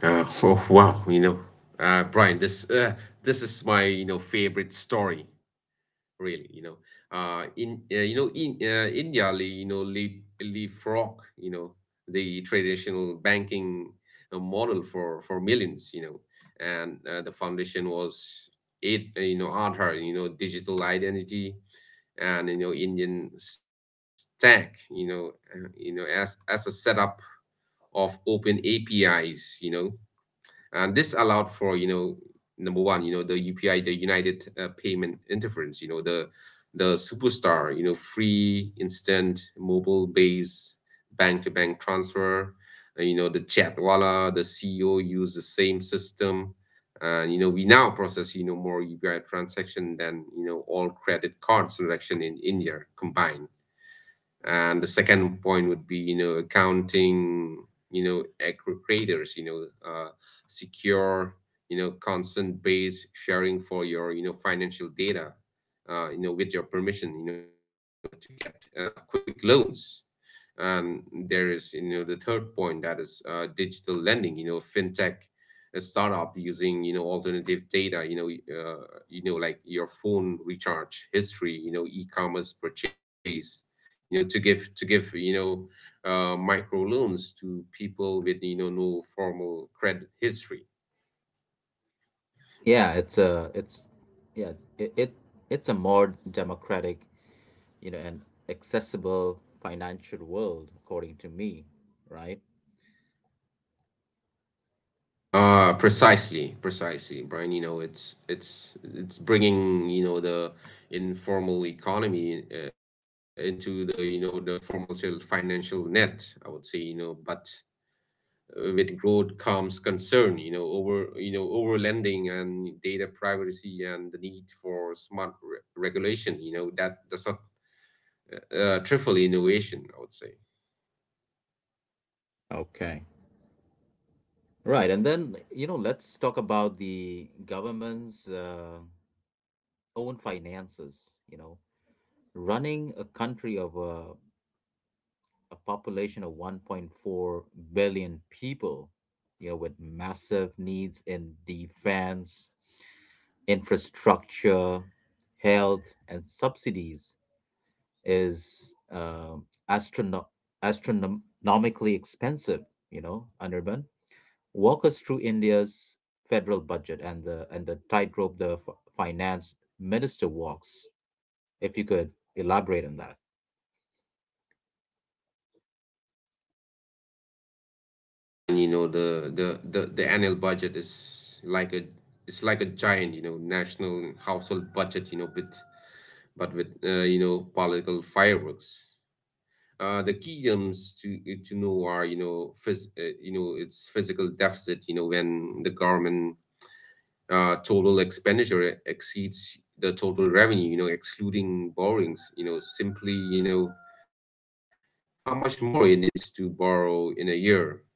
Oh, wow, Brian, this is my favorite story. Really. You know in you know in India leapfrog the traditional banking model for millions. And the foundation was it you know Aadhaar, digital identity, and Indian stack, as a setup of open APIs. And this allowed for number one, the UPI, the United Payment Interference, the superstar, free instant mobile based bank to bank transfer. The Chatwala, the CEO use the same system, and we now process more UPI transaction than all credit cards transaction in India combined. And the second point would be accounting, aggregators, secure consent based sharing for your financial data, with your permission, to get quick loans. And there is, the third point, that is digital lending. Fintech, a startup using, alternative data. Uh, like your phone recharge history. E-commerce purchase. To give to give micro loans to people with no formal credit history.
Yeah, it's a it's yeah it it's a more democratic, and accessible financial world, according to me, right?
Precisely, precisely, Brian. It's bringing the informal economy into the the formal financial net, I would say. But with growth comes concern, over over lending and data privacy and the need for smart regulation, that does not trifle innovation, I would say.
Okay. Right, and then let's talk about the government's own finances. Running a country of a population of 1.4 billion people, with massive needs in defense, infrastructure, health, and subsidies is astrono- astronomically expensive, Anirban. Walk us through India's federal budget and the tightrope the finance minister walks, if you could elaborate on that.
Ah, well, Brian, the annual budget is like a it's like a giant, national household budget, but with political fireworks. The key terms to know are its physical deficit, when the government total expenditure exceeds the total revenue, excluding borrowings, simply how much more it needs to borrow in a year.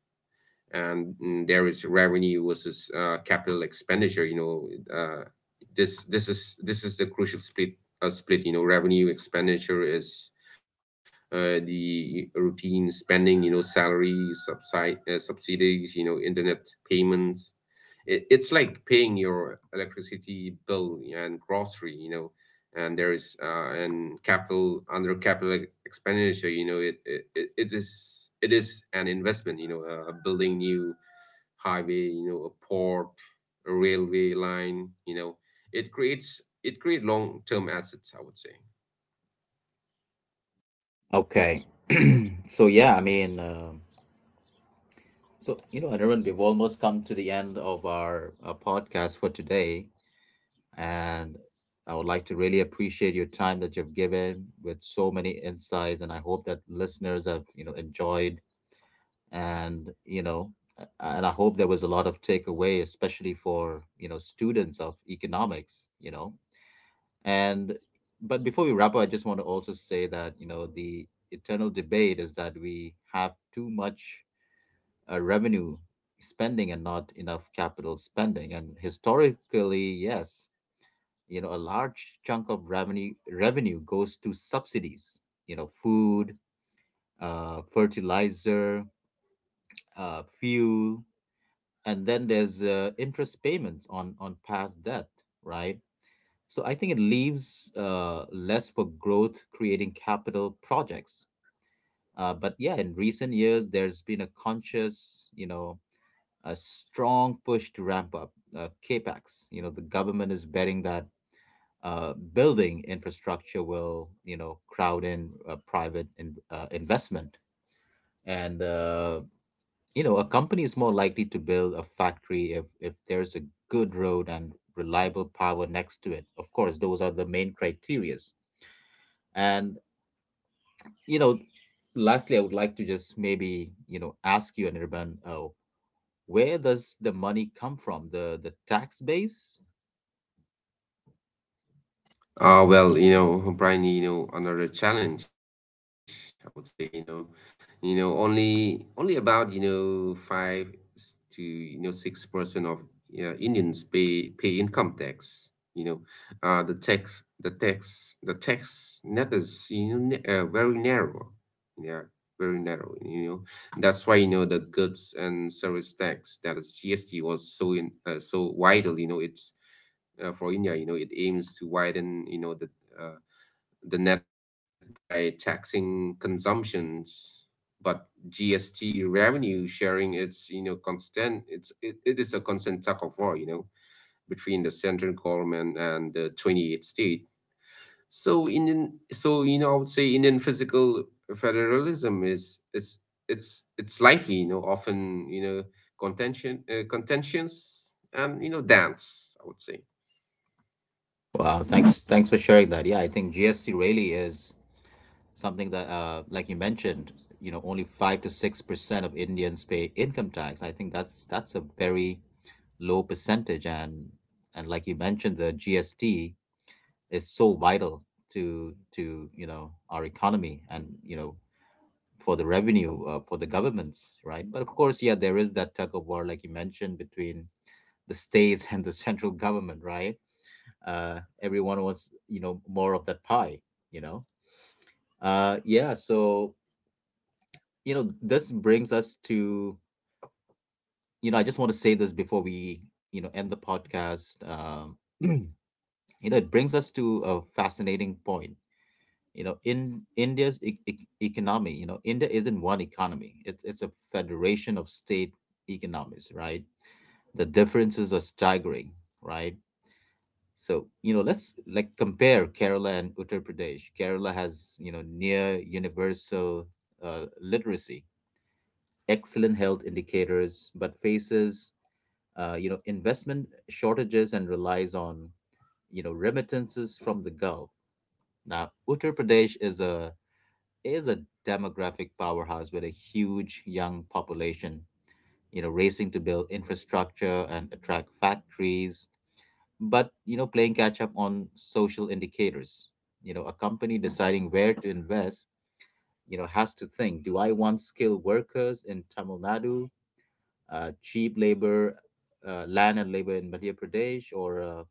And there is revenue versus capital expenditure. Uh, this is the crucial split. You know, revenue expenditure is the routine spending, salary, subside subsidies, internet payments. It, it's like paying your electricity bill and grocery. And there is, and capital under capital expenditure, it is an investment, building new highway, a port, a railway line. It create long term assets, I would say.
Okay. So yeah, I mean, Anirban, we've almost come to the end of our, podcast for today, and I would like to really appreciate your time that you've given with so many insights, and I hope that listeners have enjoyed, and you know, and I hope there was a lot of takeaway, especially for students of economics, you know, and but before we wrap up, I just want to also say that the eternal debate is that we have too much revenue spending and not enough capital spending. And historically, yes, a large chunk of revenue goes to subsidies. Food, fertilizer, fuel, and then there's interest payments on past debt, right? So I think it leaves less for growth creating capital projects. But yeah, in recent years, there's been a conscious, a strong push to ramp up capex. The government is betting that building infrastructure will, crowd in private investment, and a company is more likely to build a factory if there's a good road and reliable power next to it. Of course, those are the main criterias, and you know. Lastly, I would like to just maybe ask you, Anirban, where does the money come from? The tax base.
Well, Brian, another challenge, I would say, only about, five to, 6% of Indians pay income tax. You know, the tax net is, very narrow. Yeah, very narrow. That's why the goods and service tax, that is GST, was so in so widely, it's for India. It aims to widen, uh, the net by taxing consumptions, but GST revenue sharing, it's constant. It is a constant tug of war, between the central government and the 28 state. So Indian, so you know, I would say Indian physical federalism is it's lively. Often contentions and dance, I would say.
Wow, thanks for sharing that. Yeah, I think GST really is something that, like you mentioned, only 5 to 6% of Indians pay income tax. I think that's a very low percentage, and like you mentioned, the GST is so vital to our economy and, for the revenue for the governments, right? But of course, yeah, there is that tug of war, like you mentioned, between the states and the central government, right? Everyone wants more of that pie, you know yeah, so
Exactly.
this brings us to — I just want to say this before we end the podcast. It brings us to a fascinating point in India's economy. India isn't one economy, it's a federation of state economies, right. The differences are staggering, right. So, let's like compare Kerala and Uttar Pradesh. Kerala has, near universal literacy, excellent health indicators, but faces, investment shortages and relies on, remittances from the Gulf. Now, Uttar Pradesh is a demographic powerhouse with a huge young population, racing to build infrastructure and attract factories but playing catch up on social indicators. A company deciding where to invest has to think: do I want skilled workers in Tamil Nadu, cheap labor, land and labor in Madhya Pradesh, or uh,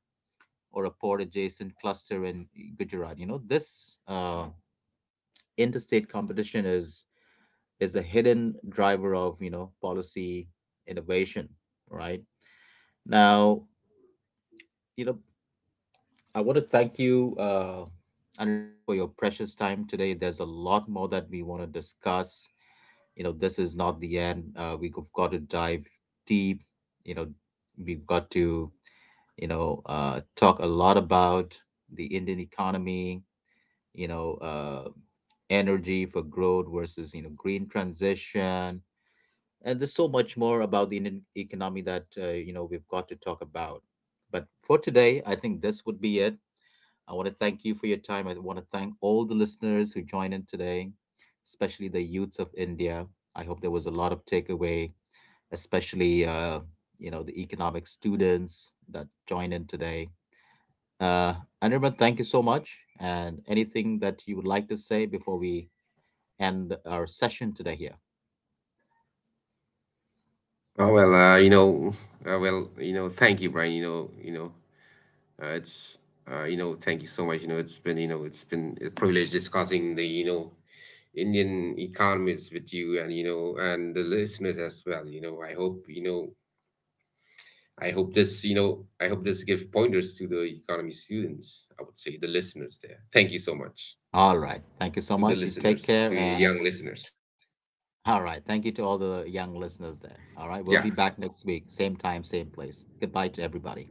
or a port adjacent cluster in Gujarat? This uh, interstate competition is a hidden driver of policy innovation, right. Now, you know I want to thank you, Anirban, for your precious time today. There's a lot more that we want to discuss. This is not the end. We've got to dive deep. You know, we've got to, talk a lot about the Indian economy, you know, uh, energy for growth versus, green transition. And there's so much more about the Indian economy that, we've got to talk about. But for today, I think this would be it. I want to thank you for your time. I want to thank all the listeners who joined in today, especially the youths of India. I hope there was a lot of takeaway, especially the economic students that joined in today. Uh, Anirban, thank you so much. And anything that you would like to say before we end our session today here?
Oh well, thank you, Brian. You know, it's you know, Thank you so much. It's been a privilege discussing the, Indian economies with you, and and the listeners as well. You know, I hope, you know, I hope this, you know, I hope this give pointers to the economy students, I would say, the listeners there. Thank you so much,
All right. Thank you so much. You
to the
take care
listeners, to
and—
the young listeners.
All right. Thank you to all the young listeners there. All right.
Yeah.
We'll be back next week, same time, same place. Goodbye to everybody.